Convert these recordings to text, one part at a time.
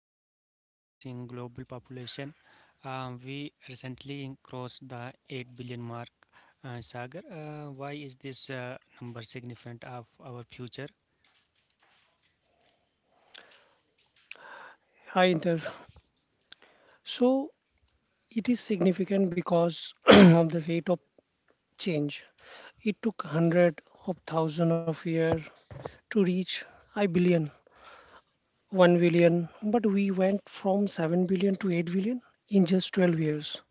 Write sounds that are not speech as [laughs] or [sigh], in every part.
Today we are discussing global population. We recently crossed the 8 billion mark. Sagar, why is this number significant of our future? Hi there. So it is significant because [clears throat] of the rate of change. It took hundred of thousand of years to reach I billion, 1 billion, but we went from 7 billion to 8 billion in just 12 years.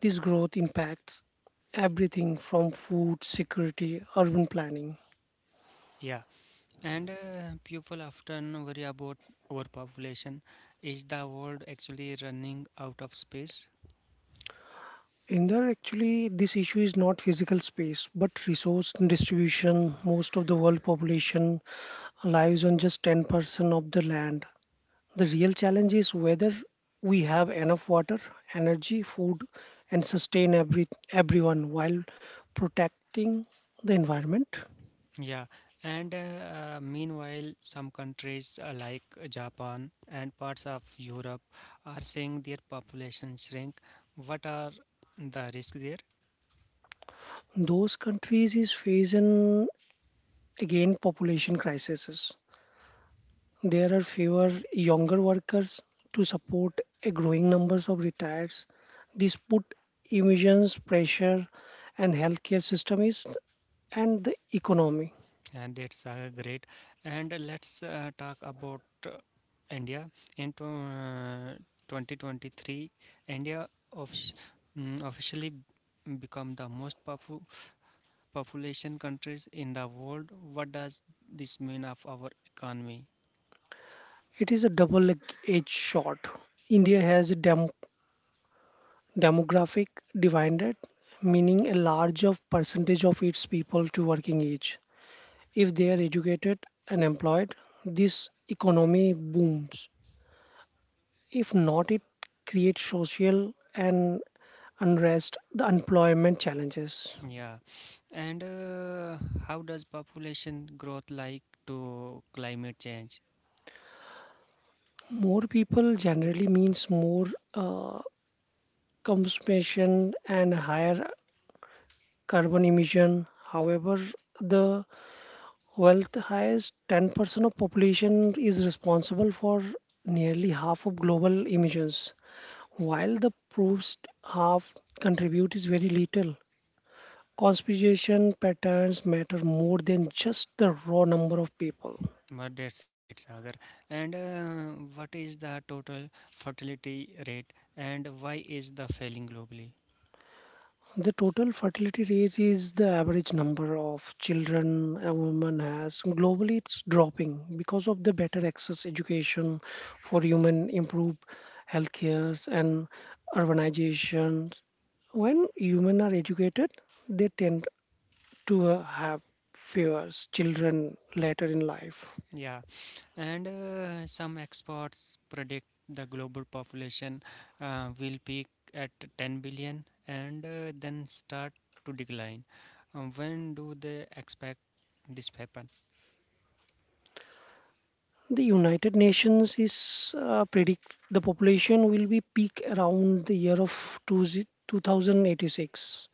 This growth impacts everything from food security, urban planning. Yeah, and people often worry about overpopulation. Is the world actually running out of space? In there, actually, this issue is not physical space but resource distribution. Most of the world population lives on just 10% of the land. The real challenge is whether we have enough water, energy, food, and sustain everyone while protecting the environment. Yeah, and meanwhile, some countries like Japan and parts of Europe are seeing their population shrink. What are the risks there? Those countries is facing again population crises. There are fewer younger workers to support a growing numbers of retirees. This put emissions pressure and healthcare system is and the economy. And that's great. And let's talk about uh, India. In 2023, India officially become the population countries in the world. What does this mean of our economy? It is a double-edged sword. India has demographic divided, meaning a larger percentage of its people to working age. If they are educated and employed, this economy booms. If not, it creates social and unrest, the employment challenges. Yeah. And how does population growth like to climate change? More people generally means more uh, consumption and higher carbon emission. However, the Well, the highest 10% of population is responsible for nearly half of global emissions, while the poorest half contribute is very little. Conspiration patterns matter more than just the raw number of people. But that's a great, Sagar. And what is the total fertility rate and why is the failing globally? The total fertility rate is the average number of children a woman has. Globally, it's dropping because of the better access education for women, improved healthcare, and urbanization. When humans are educated, they tend to have fewer children later in life. Yeah. And some experts predict the global population will peak at 10 billion and then start to decline. When do they expect this happen? The United Nations is predict the population will be peak around the year of 20 2086.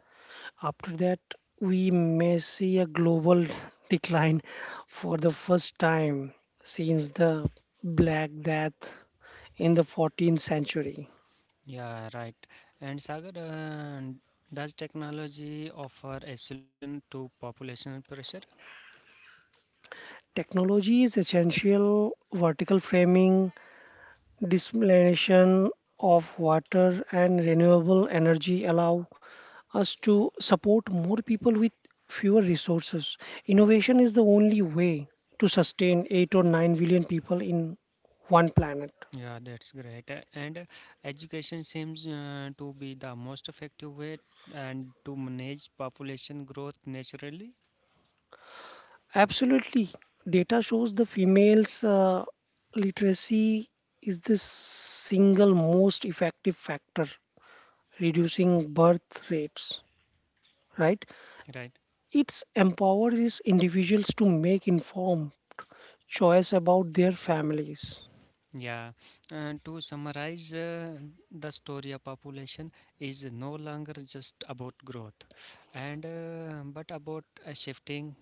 After that, we may see a global [laughs] decline for the first time since the Black Death in the 14th century. Yeah, right. And Sagar, does technology offer a solution to population pressure? Technology is essential vertical framing desalination of water and renewable energy allow us to support more people with fewer resources. Innovation is the only way to sustain 8 or 9 billion people in one planet. Yeah, that's great. And education seems to be the most effective way and to manage population growth naturally, Absolutely. Data shows the females' literacy is the single most effective factor reducing birth rates right. right? It empowers individuals to make informed choice about their families. Yeah. To summarize, the story of population is no longer just about growth, and but about a shifting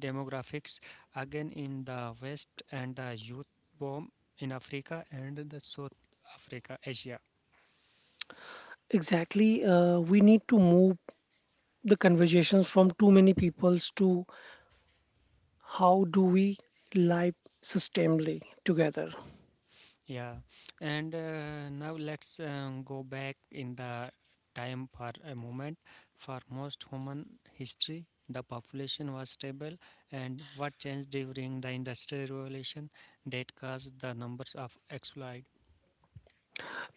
demographics again in the West and the youth boom in Africa and the South Africa, Asia. Exactly, we need to move the conversations from too many peoples to how do we live sustainably together. Yeah, and now let's go back in the time for a moment. For most human history, the population was stable, and what changed during the Industrial Revolution that caused the numbers of exploit.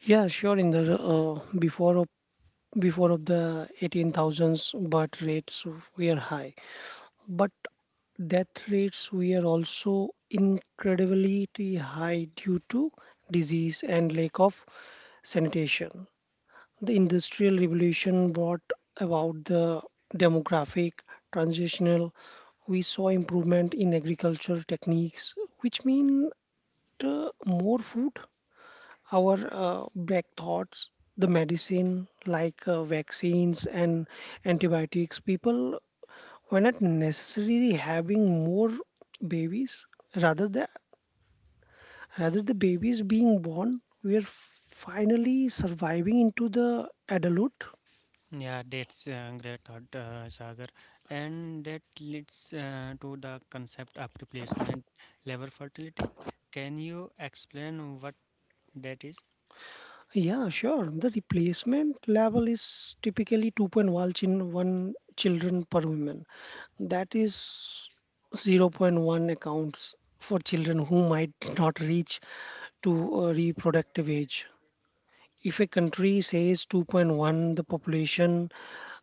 Yeah, sure. In the before of the eighteen thousands birth rates were high, but death rates were also incredibly high due to disease and lack of sanitation. The Industrial Revolution brought about the demographic transitional. We saw improvement in agriculture techniques, which mean more food. Our back thoughts, the medicine like vaccines and antibiotics, people were not necessarily having more babies. Rather than Rather the babies being born, we are finally surviving into the adulthood. Yeah, that's a great thought, Sagar. And that leads to the concept of replacement level fertility. Can you explain what that is? Yeah, sure. The replacement level is typically 2.1 one children per woman. That is zero point 0.1 accounts for children who might not reach to reproductive age. If a country says 2.1, the population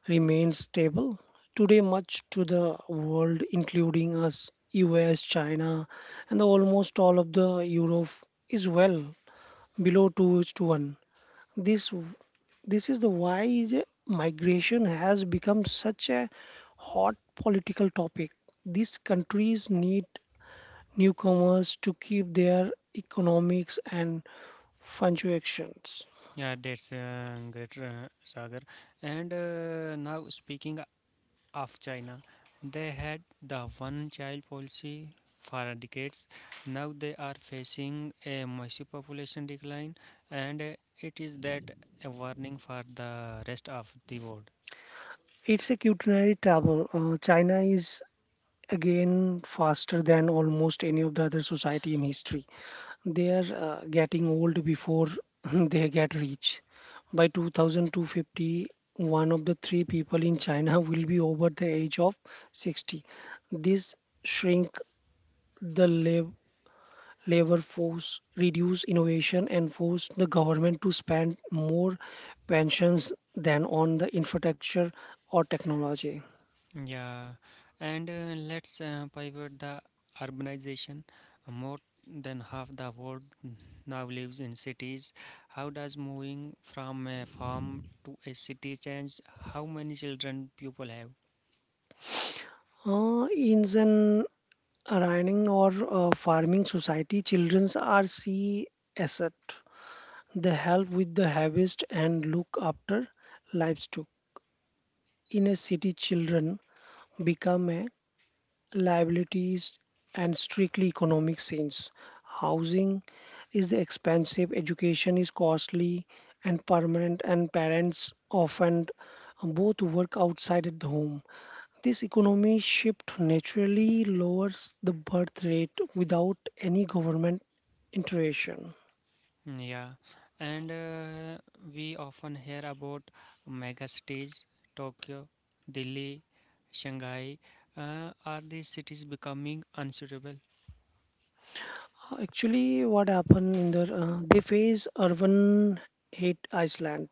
remains stable. Today, much to the world, including us, US, China, and almost all of the Europe, is well below 2 is to 1. This this is the why is migration has become such a hot political topic. These countries need newcomers to keep their economics and functions. Yeah, that's great, Sagar. And now, speaking of China, they had the one child policy for decades. Now they are facing a massive population decline, and it is that a warning for the rest of the world. It's a culinary travel. China is again faster than almost any of the other society in history. They are getting old before [laughs] they get rich. By 2250, one of the three people in China [laughs] will be over the age of 60. This shrink the labor force, reduce innovation, and force the government to spend more pensions than on the infrastructure or technology. Yeah, and let's pivot the urbanization. More than half the world now lives in cities. How does moving from a farm to a city change how many children people have? In an running or farming society, children are see asset. They help with the harvest and look after livestock. In a city, children become a liabilities and strictly economic sense. Housing is expensive, education is costly and permanent, and parents often both work outside at the home. This economy shift naturally lowers the birth rate without any government intervention. Yeah, and we often hear about mega cities, Tokyo, Delhi, Shanghai. Are these cities becoming unsuitable? Actually, what happened in the they face urban hit Iceland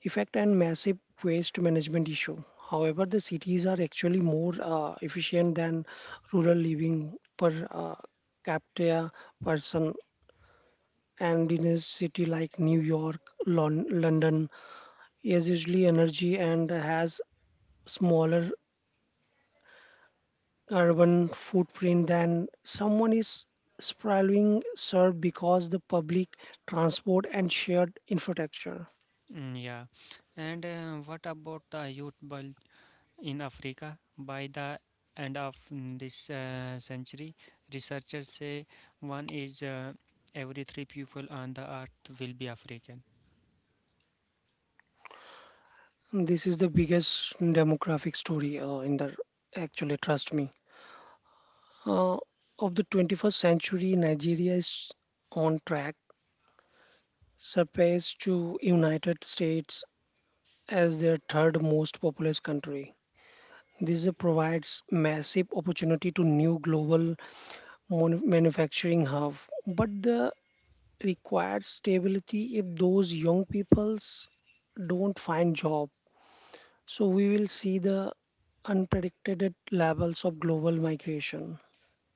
effect and massive waste management issue. However, the cities are actually more efficient than rural living per capita person. And in a city like New York, London, is usually energy and has smaller carbon footprint than someone is sprawling served because the public transport and shared infrastructure. Mm, yeah, and what about the youth in Africa. By the end of this century, researchers say one is every three people on the earth will be African. This is the biggest demographic story in the actually trust me. Uh, of the 21st century, Nigeria is on track surpass to United States as their third most populous country. This provides massive opportunity to new global manufacturing hub, but the requires stability if those young peoples don't find job. So we will see the unpredicted levels of global migration.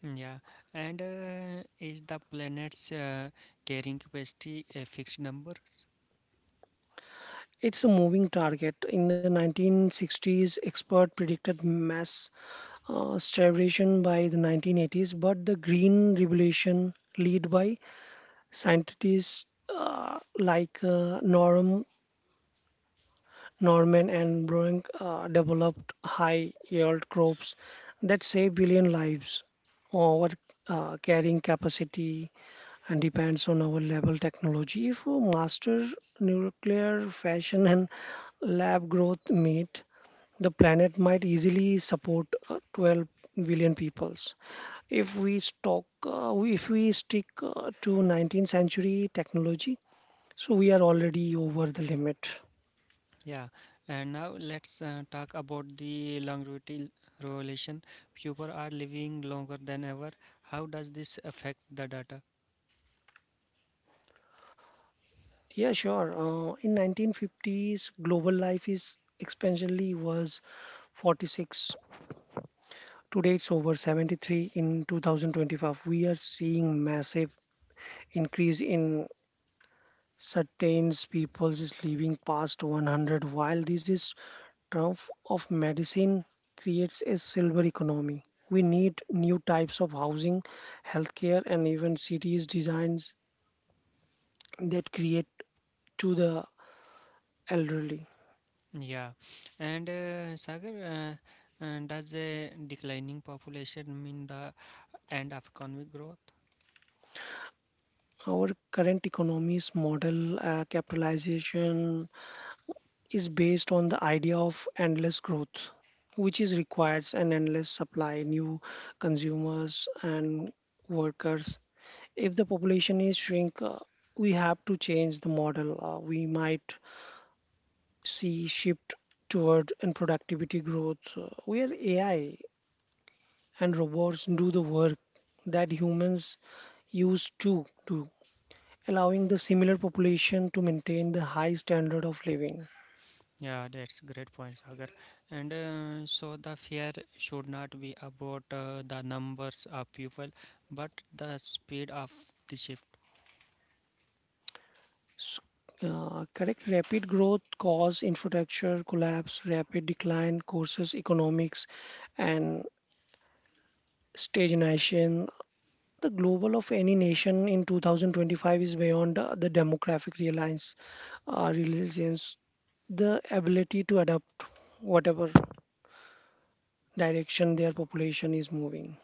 Yeah, and is the planet's carrying capacity a fixed number? It's a moving target. In the 1960s, experts predicted mass starvation by the 1980s, but the Green Revolution, led by scientists like Norman and Bruin developed high yield crops that save billion lives. Our carrying capacity and depends on our level technology. If we master nuclear fashion and lab growth meet, the planet might easily support 12 billion peoples if we stock, if we stick, to 19th century technology, so we are already over the limit. Yeah, and now let's talk about the longevity relation. People are living longer than ever. How does this affect the data? Yeah, sure. In 1950s, global life is expansionally was 46. Today it's over 73 in 2025. We are seeing massive increase in certain peoples is living past 100 while this is triumph of medicine creates a silver economy. We need new types of housing, healthcare and even cities designs that create to the elderly. Yeah, and Sagar, does a declining population mean the end of economic growth? Our current economy's model capitalization is based on the idea of endless growth, which is requires an endless supply, new consumers and workers. If the population is shrink, we have to change the model. We might see shift toward in productivity growth, where AI and robots do the work that humans used to do allowing the similar population to maintain the high standard of living. Yeah, that's great point, Sagar. And so the fear should not be about the numbers of people, but the speed of the shift. S- Correct, rapid growth cause infrastructure collapse, rapid decline causes economics and stagnation. The global of any nation in 2025 is beyond the demographic reliance, uh, reliance, the ability to adapt whatever direction their population is moving.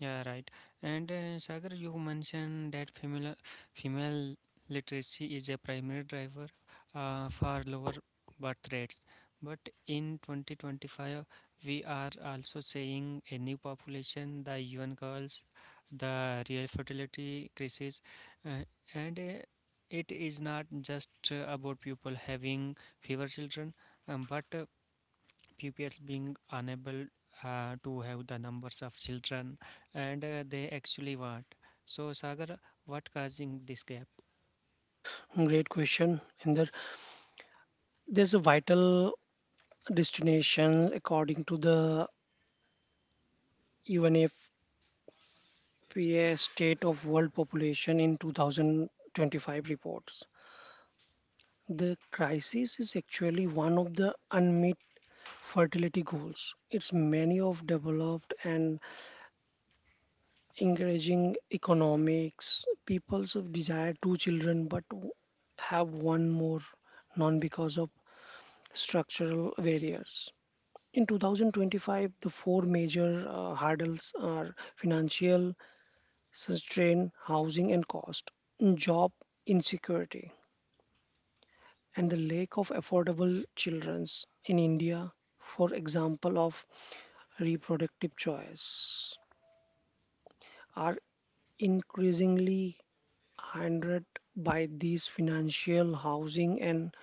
Yeah, right. And Sagar, you mentioned that female literacy is a primary driver for lower birth rates. But in 2025, we are also seeing a new population, the young girls, the real fertility crisis, uh, and it is not just about people having fewer children, but pupils being unable to have the numbers of children and they actually want. So Sagar, what causing this gap? Great question, Inder. There's a vital destinations according to the UNFPA State of World Population in 2025 reports. The crisis is actually one of the unmet fertility goals. It's many of developed and encouraging economics. People's desire two children but have one more, none because of structural barriers. In 2025, the four major hurdles are financial, sustained housing and cost, job insecurity, and the lack of affordable children's in India, for example of reproductive choice, are increasingly hindered by these financial housing and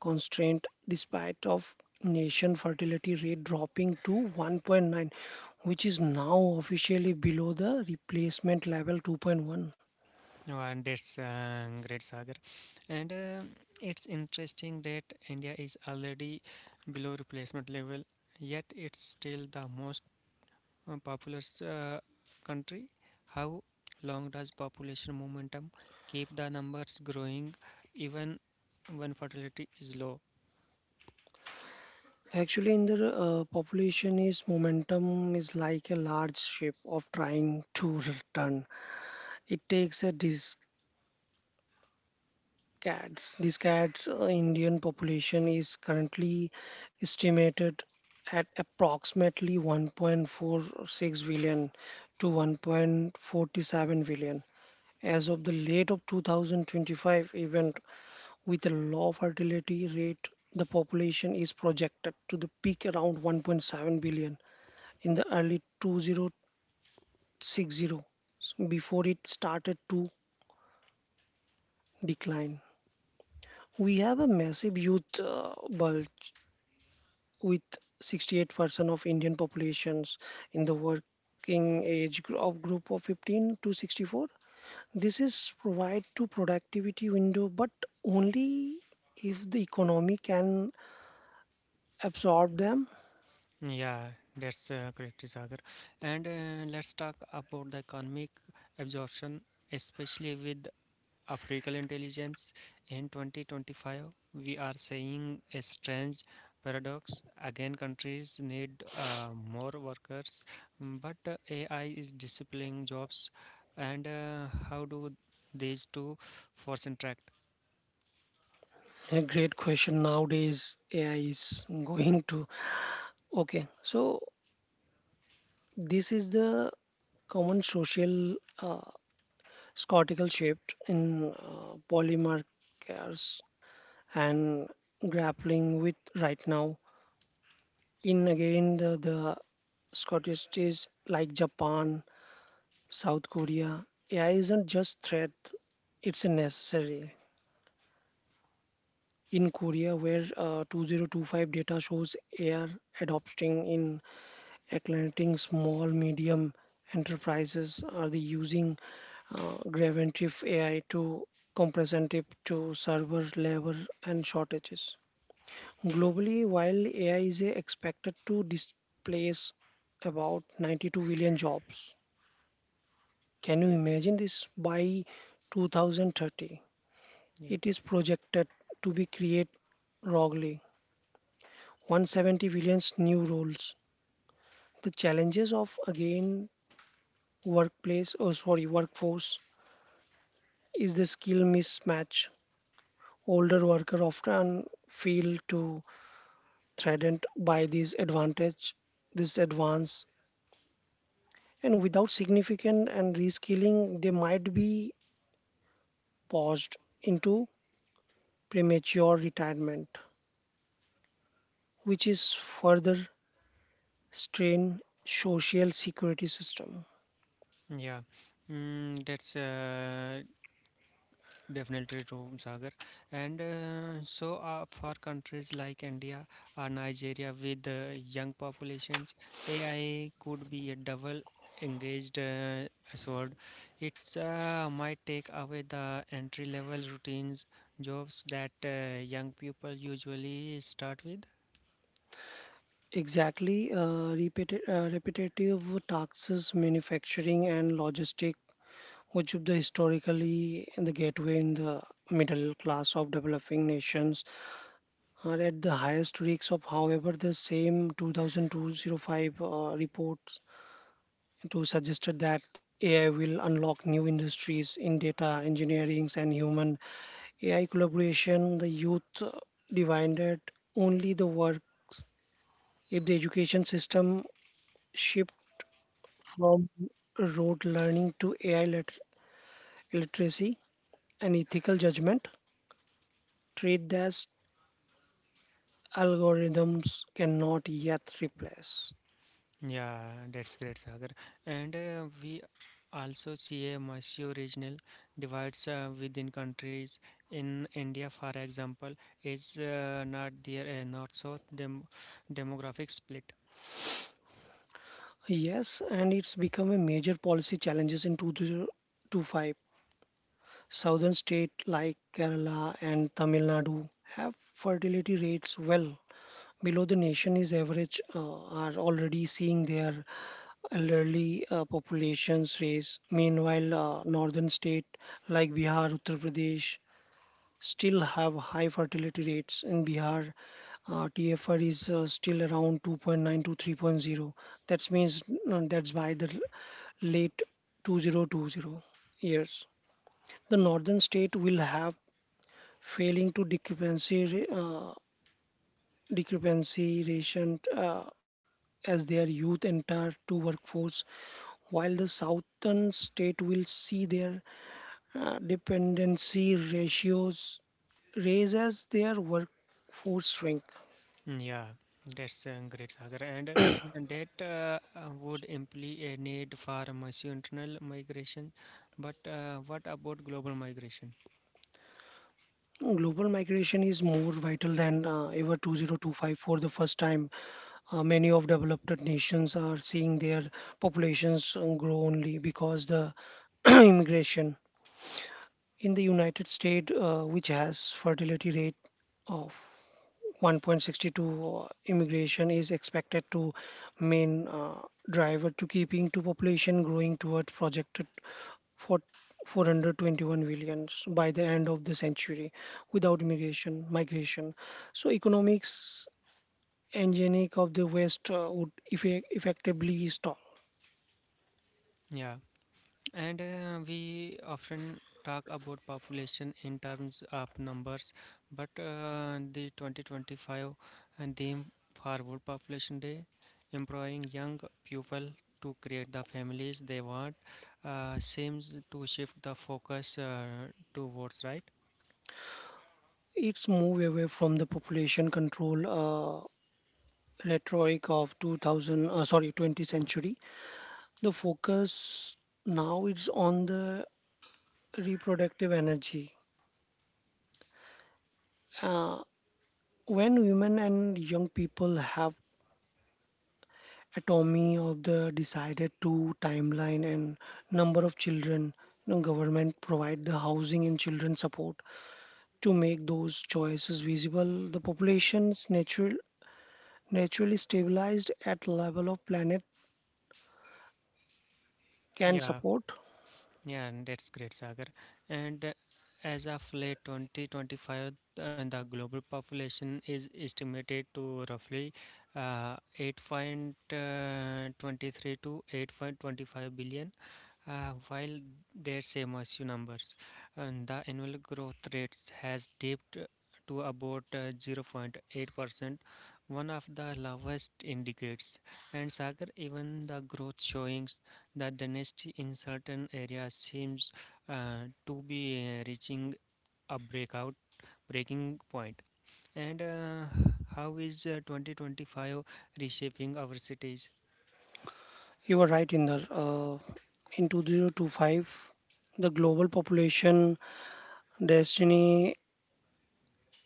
constraint despite of nation fertility rate dropping to 1.9, which is now officially below the replacement level 2.1. Oh, and that's great, Sagar. And it's interesting that India is already below replacement level, yet it's still the most populous country. How long does population momentum keep the numbers growing even when fertility is low? Actually, in the population is momentum is like a large ship of trying to return. It takes a decades. Decades. Indian population is currently estimated at approximately 1.46 billion to 1.47 billion. As of the late of 2025 event, with a low fertility rate, the population is projected to the peak around 1.7 billion in the early 2060, before it started to decline. We have a massive youth bulge with 68% of Indian populations in the working age of group of 15 to 64. This is provide to productivity window but only if the economy can absorb them. Yeah, that's correct, Sagar. And let's talk about the economic absorption, especially with African intelligence. In 2025, we are seeing a strange paradox. Again, countries need more workers, mm, but AI is disciplining jobs. And how do these two force interact? A great question. Nowadays AI is going to. Okay, so this is the common social scortical shift in polymarkers and grappling with right now. In again, the Scottish like Japan, South Korea, AI isn't just threat, it's a necessary. In Korea, where 2025 data shows AI adopting in Atlantic small medium enterprises are the using Graventive AI to comprehensive to server labor and shortages. Globally, while AI is expected to displace about 92 million jobs, can you imagine this by 2030? Yeah. It is projected to be create roughly 170 million new roles. The challenges of again workplace or sorry workforce is the skill mismatch older workers often feel too threatened by this advance, and without significant and reskilling they might be paused into premature retirement, which is further strain social security system. Yeah, mm, that's definitely true, Sagar. And So for countries like India or Nigeria with young populations, AI could be a double engaged sword. It's might take away the entry level routines jobs that young people usually start with. Exactly, repetitive taxes manufacturing and logistic, which is the historically the gateway in the middle class of developing nations are at the highest risk of, however the same 2205 reports to suggested that AI will unlock new industries in data engineering and human AI collaboration the youth divided only the work if the education system shift from rote learning to AI literacy and ethical judgment trade as algorithms cannot yet replace. Yeah, that's great, Sagar. And we also see a massive regional divides within countries. In India, for example, is not there a north-south demographic split. Yes, and it's become a major policy challenges in 2025. Southern states like Kerala and Tamil Nadu have fertility rates well below the nation's average are already seeing their elderly populations raise. Meanwhile, northern state like Bihar, Uttar Pradesh still have high fertility rates in Bihar. TFR is still around 2.9 to 3.0. That means that's by the late 2020 years. The northern state will have failing to discrepancy ratio as their youth enter to workforce, while the southern state will see their dependency ratios raise as their workforce shrink. Mm, yeah, that's great, Sagar. And that would imply a need for massive internal migration. But what about global migration? Global migration is more vital than ever 2025 for the first time. Many of developed nations are seeing their populations grow only because the [clears throat] immigration. In the United States, which has fertility rate of 1.62, immigration is expected to main driver to keeping to population growing toward projected for 421 millions by the end of the century without migration. So economics engine of the west would effectively stall Yeah. And we often talk about population in terms of numbers, but the 2025 and theme for Population Day, employing young people to create the families they want, seems to shift the focus towards right. its move away from the population control rhetoric of 2000, sorry, 20th century. The focus now is on the reproductive energy uh, when women and young people have autonomy of the decided to timeline and number of children. Government provide the housing and children support to make those choices visible the populations naturally stabilized at level of planet can Yeah. support. Yeah, and that's great, Sagar. And as of late 2025, the global population is estimated to roughly 8.23 to 8.25 billion, while that's MSU numbers, and the annual growth rate has dipped to about 0.8%, one of the lowest in decades. And Sagar, even the growth showings that the dynasty in certain areas seems to be reaching a breakout breaking point. And how is 2025 reshaping our cities? You are right in the in 2025 the global population destiny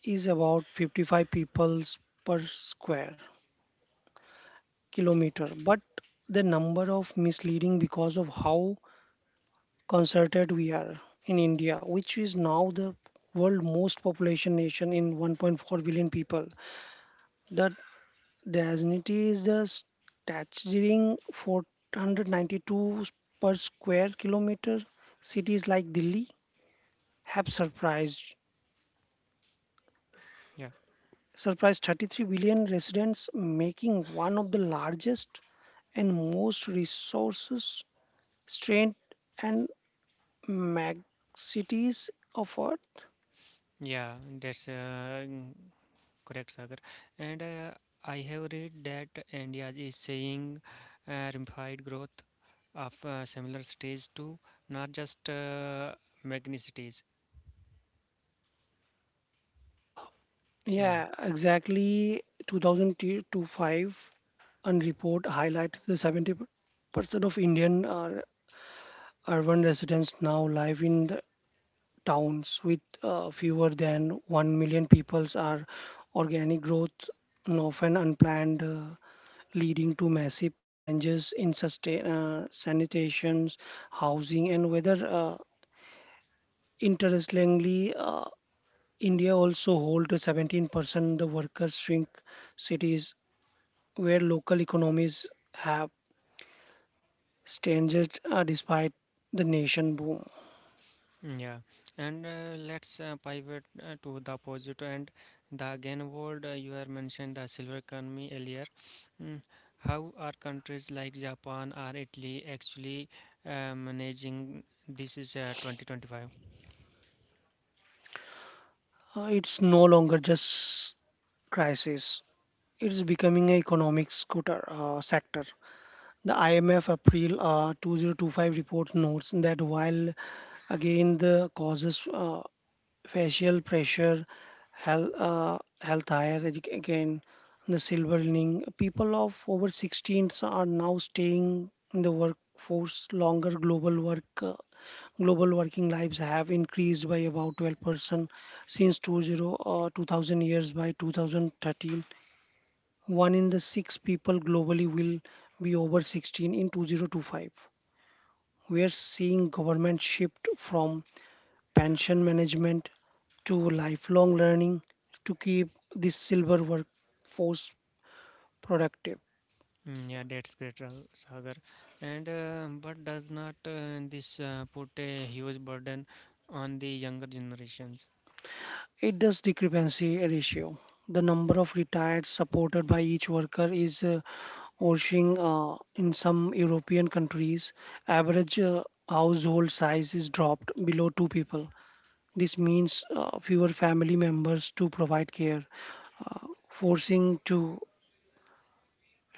is about 55 peoples per square kilometer, but the number of misleading because of how concerted we are in India, which is now the world most population nation in 1.4 billion people. That density is the staggering 492 per square kilometer. Cities like Delhi have Yeah, surprised 33 billion residents, making one of the largest and most resources strained and mag cities of Earth. yeah, that's. Correct, Sagar. And I have read that India is seeing rapid growth of similar cities too, not just megacities. Yeah, Yeah, exactly. 2025 and report highlights the 70% of Indian urban residents now live in the towns with fewer than 1 million peoples are organic growth and often unplanned, leading to massive challenges in sustain sanitation, housing and weather. Interestingly, India also holds 17% the workers shrink cities where local economies have strengthened despite the nation boom. mm, yeah. And let's pivot to the opposite and the again world. You have mentioned the silver economy earlier. Mm, how are countries like Japan or Italy actually managing this is 2025? It's no longer just crisis. It's becoming an economic scooter, sector. The IMF April 2025 report notes that while again the causes facial pressure, health higher again, the silver lining, people of over 16s are now staying in the workforce longer. Global working lives have increased by about 12% since 20, 2000 years by 2013. One in the six people globally will be over 16 in 2025. We are seeing government shift from pension management to lifelong learning to keep this silver workforce productive. Mm, yeah, that's great, Sagar. And but does not this put a huge burden on the younger generations? It does discrepancy ratio. The number of retired supported by each worker is washing in some European countries. Average household size is dropped below two people. This means fewer family members to provide care, forcing to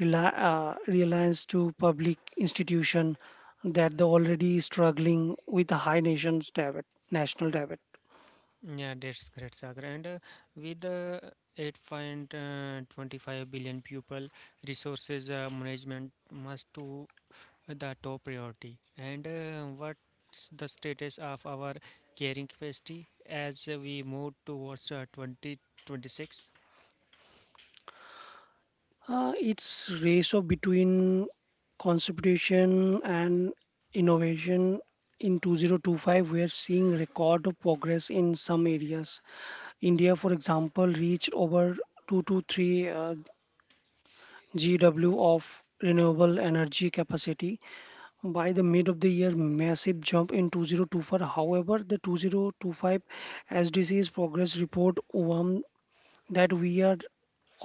reliance to public institution that the already struggling with a high nation's debt, national debt. Mm, yeah, that's great, Sagar. And with 8.25 billion people, resources management must to the top priority. And what's the status of our caring capacity as we move towards 2026? It's ratio between conservation and innovation. In 2025, we are seeing record of progress in some areas. India, for example, reached over 2 to 3 GW of renewable energy capacity by the mid of the year, massive jump in 2024. However, the 2025 sdc's progress report warned that we are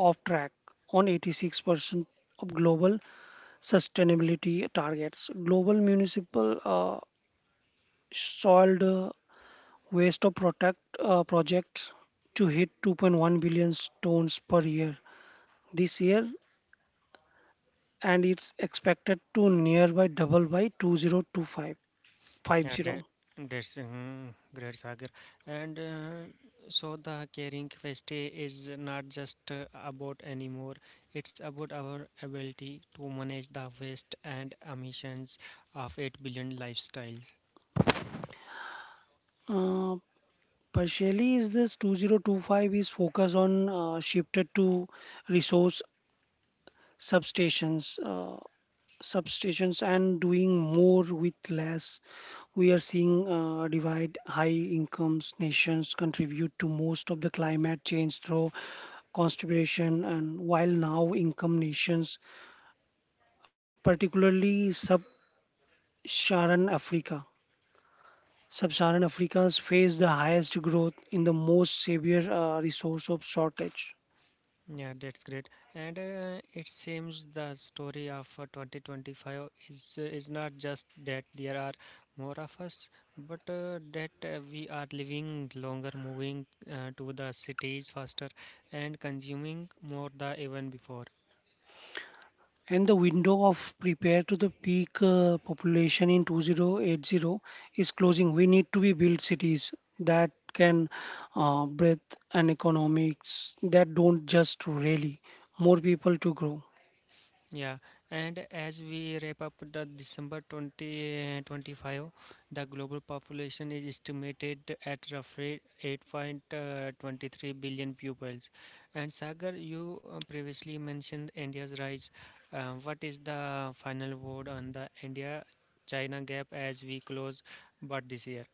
off track on 86% of global sustainability targets. Global municipal soiled waste of protect project to hit 2.1 billion tons per year this year, and it's expected to nearby double by 2025. Yeah, 50. that that's mm, great, Sagar. And so the caring quest is not just about anymore. It's about our ability to manage the waste and emissions of 8 billion lifestyles. Uh, Partially, is this 2025 is focused on shifted to resource substations. Substitutions and doing more with less. We are seeing divide high incomes nations contribute to most of the climate change through contribution and while now income nations particularly sub-saharan africa sub-Saharan Africa's face the highest growth in the most severe resource of shortage. Yeah, that's great. And it seems the story of 2025 is not just that there are more of us, but that we are living longer, moving to the cities faster, and consuming more than even before. And the window of prepare to the peak population in 2080 is closing. We need to be build cities that can breathe and economics that don't just really more people to grow. Yeah, and as we wrap up the December 2025, the global population is estimated at roughly 8.23 billion pupils. And Sagar, you previously mentioned India's rise. What is the final word on the India China gap as we close but this year?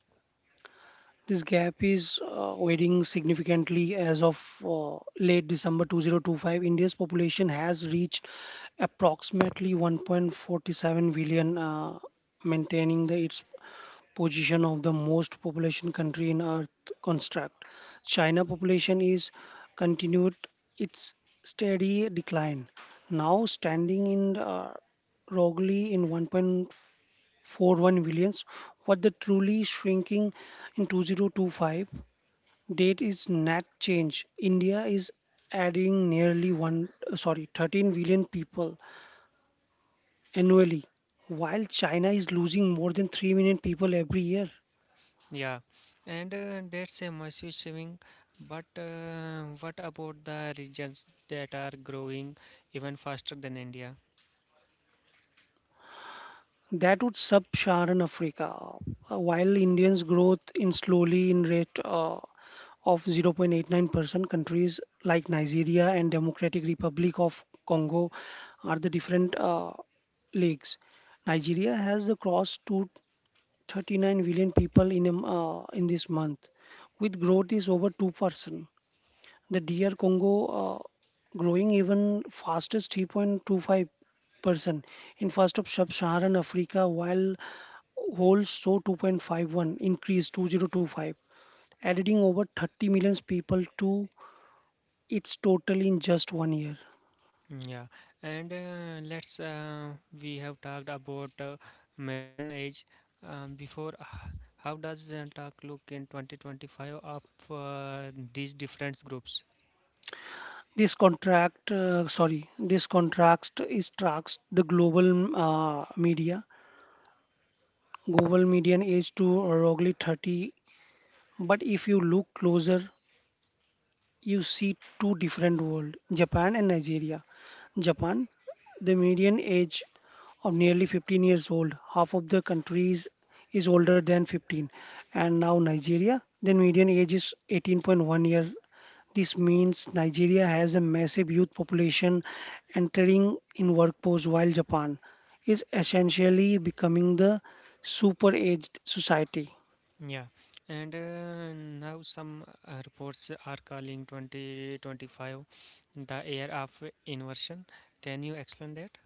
This gap is widening significantly as of late December 2025. India's population has reached approximately 1.47 billion, maintaining its position of the most population country in earth construct china population is continued its steady decline now standing in roughly in 1.41 billions. What the truly shrinking in 2025 date is net change india is adding nearly one, sorry, 13 billion people annually, while china is losing more than 3 million people every year. Yeah, and that's a massive saving. But what about the regions that are growing even faster than India? That would sub-Saharan Africa. While Indians' growth in slowly in rate of 0.89%, countries like Nigeria and Democratic Republic of Congo are the different leagues. Nigeria has crossed to 39 million people in in this month, with growth is over 2%. The dear Congo growing even fastest 3.25% in first of sub-Saharan Africa, while whole saw 2.51 increase 2025, adding over 30 million people to its total in just one year. Mm, yeah, and let's we have talked about median age before. How does talk look in 2025 of these different groups? This contrast is tracks the global media. Global median age to roughly 30, but if you look closer, you see two different world. Japan and Nigeria. Japan, the median age of nearly 15 years old, half of the countries is older than 15. And now Nigeria, the median age is 18.1 years. This means Nigeria has a massive youth population entering in workforce, while Japan is essentially becoming the super aged society. Yeah, and now some reports are calling 2025 the year of inversion. Can you explain that?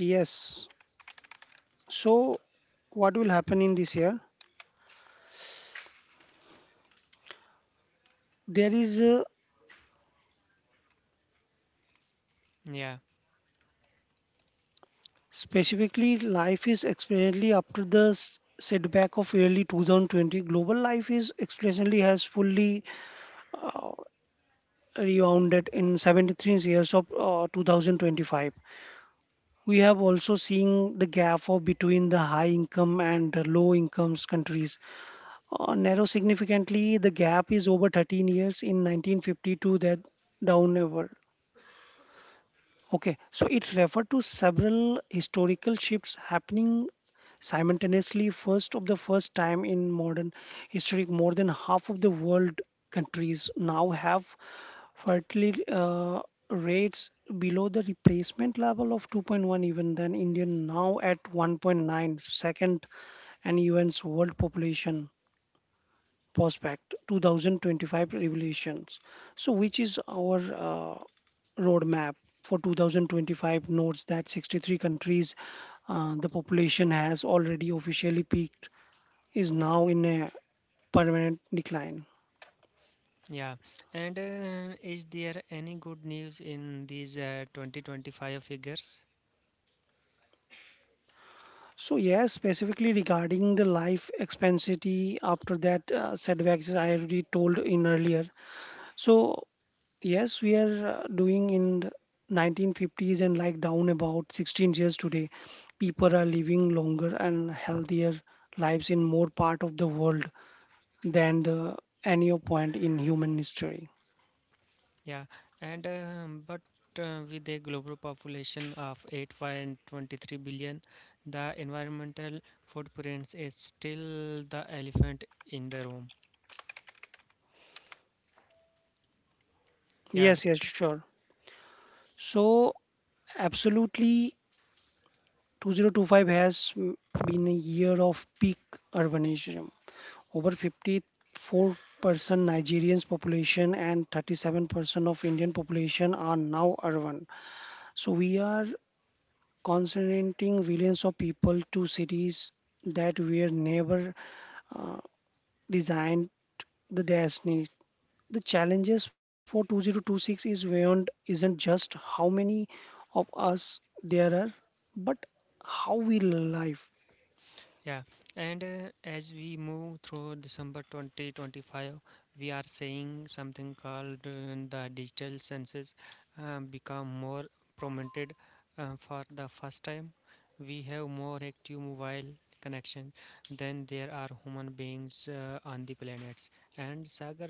Yes. So what will happen in this year? There is a Yeah, specifically life is exponentially after the setback of early 2020. Global life is exponentially has fully rebounded in 73 years of 2025. We have also seen the gap of between the high income and the low incomes countries narrow significantly. The gap is over 13 years in 1952 that downward. Okay, so it referred to several historical shifts happening simultaneously. First, of the first time in modern history, more than half of the world countries now have fertility rates below the replacement level of 2.1, even then Indian now at 1.9, second, and UN's world population Prospect 2025 Revelations. So, which is our roadmap for 2025 notes that 63 countries the population has already officially peaked is now in a permanent decline. yeah. And is there any good news in these 2025 figures? So yes, specifically regarding the life expectancy after that setbacks I already told in earlier. So yes, we are doing in the 1950s and like down about 16 years today. People are living longer and healthier lives in more part of the world than the any point in human history. Yeah, and but with a global population of 8.23 billion, the environmental footprint is still the elephant in the room. Yeah, Yes, yes, sure. So absolutely 2025 has been a year of peak urbanism. Over 54% Nigerians population and 37% of Indian population are now urban. So we are concentrating millions of people to cities that were never uh, designed the destiny. The challenges for 2026 is beyond isn't just how many of us there are, but how we live. yeah, and as we move through December 2025, we are seeing something called the digital senses become more prominent for the first time. We have more active mobile connections than there are human beings on the planets. And Sagar,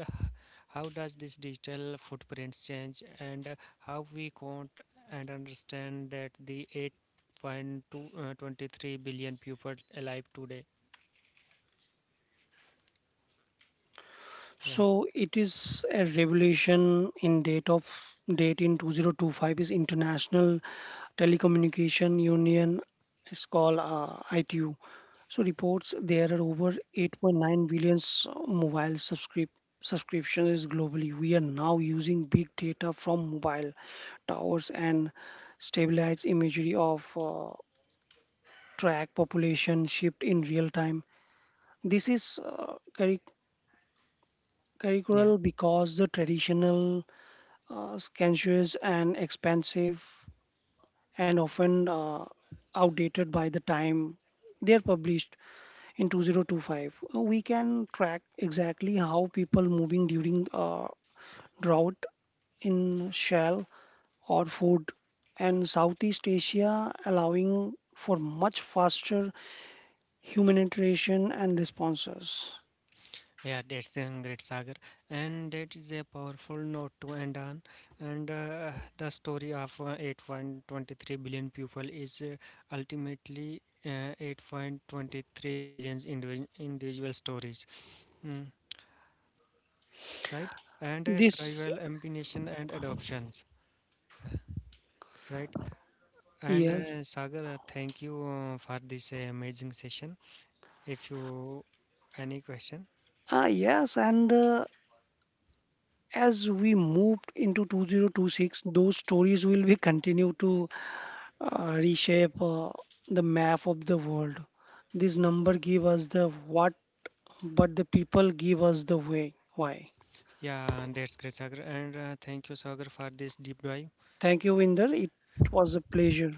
how does this digital footprint change and how we count and understand that the eight point two twenty three billion people alive today? Yeah, So it is a revelation in date of date in 2025 is International Telecommunication Union. It's called ITU. So reports there are over 8.9 billion mobile subscriptions globally. We are now using big data from mobile towers and stabilized imagery of track population shift in real time. This is yeah, curricular because the traditional scansions and expensive and often outdated by the time they are published in 2025, we can track exactly how people moving during drought in shell or food and southeast asia allowing for much faster humanitarian and responses. yeah, that's a great saga. And that is a powerful note to end on. And the story of 8.23 billion people is ultimately 8.23 billion individual stories. Mm, right? And This survival, ambition, and adoptions. Right? And Yes. Sagar, thank you for this amazing session. If you any question, Yes, and as we moved into 2026, those stories will be continue to reshape the map of the world. This number give us the what, but the people give us the way. Why? yeah, and that's great, Sagar. And thank you, Sagar, for this deep dive. Thank you, Inder. It was a pleasure.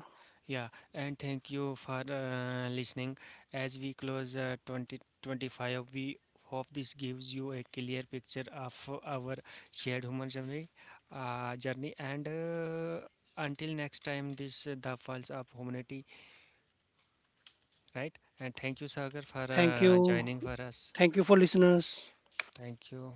Yeah, and thank you for listening. As we close 2025, we hope this gives you a clear picture of our shared human journey. And until next time, this the falls of humanity, right? And thank you, Sagar, for Thank you. joining for us. Thank you for listeners. Thank you.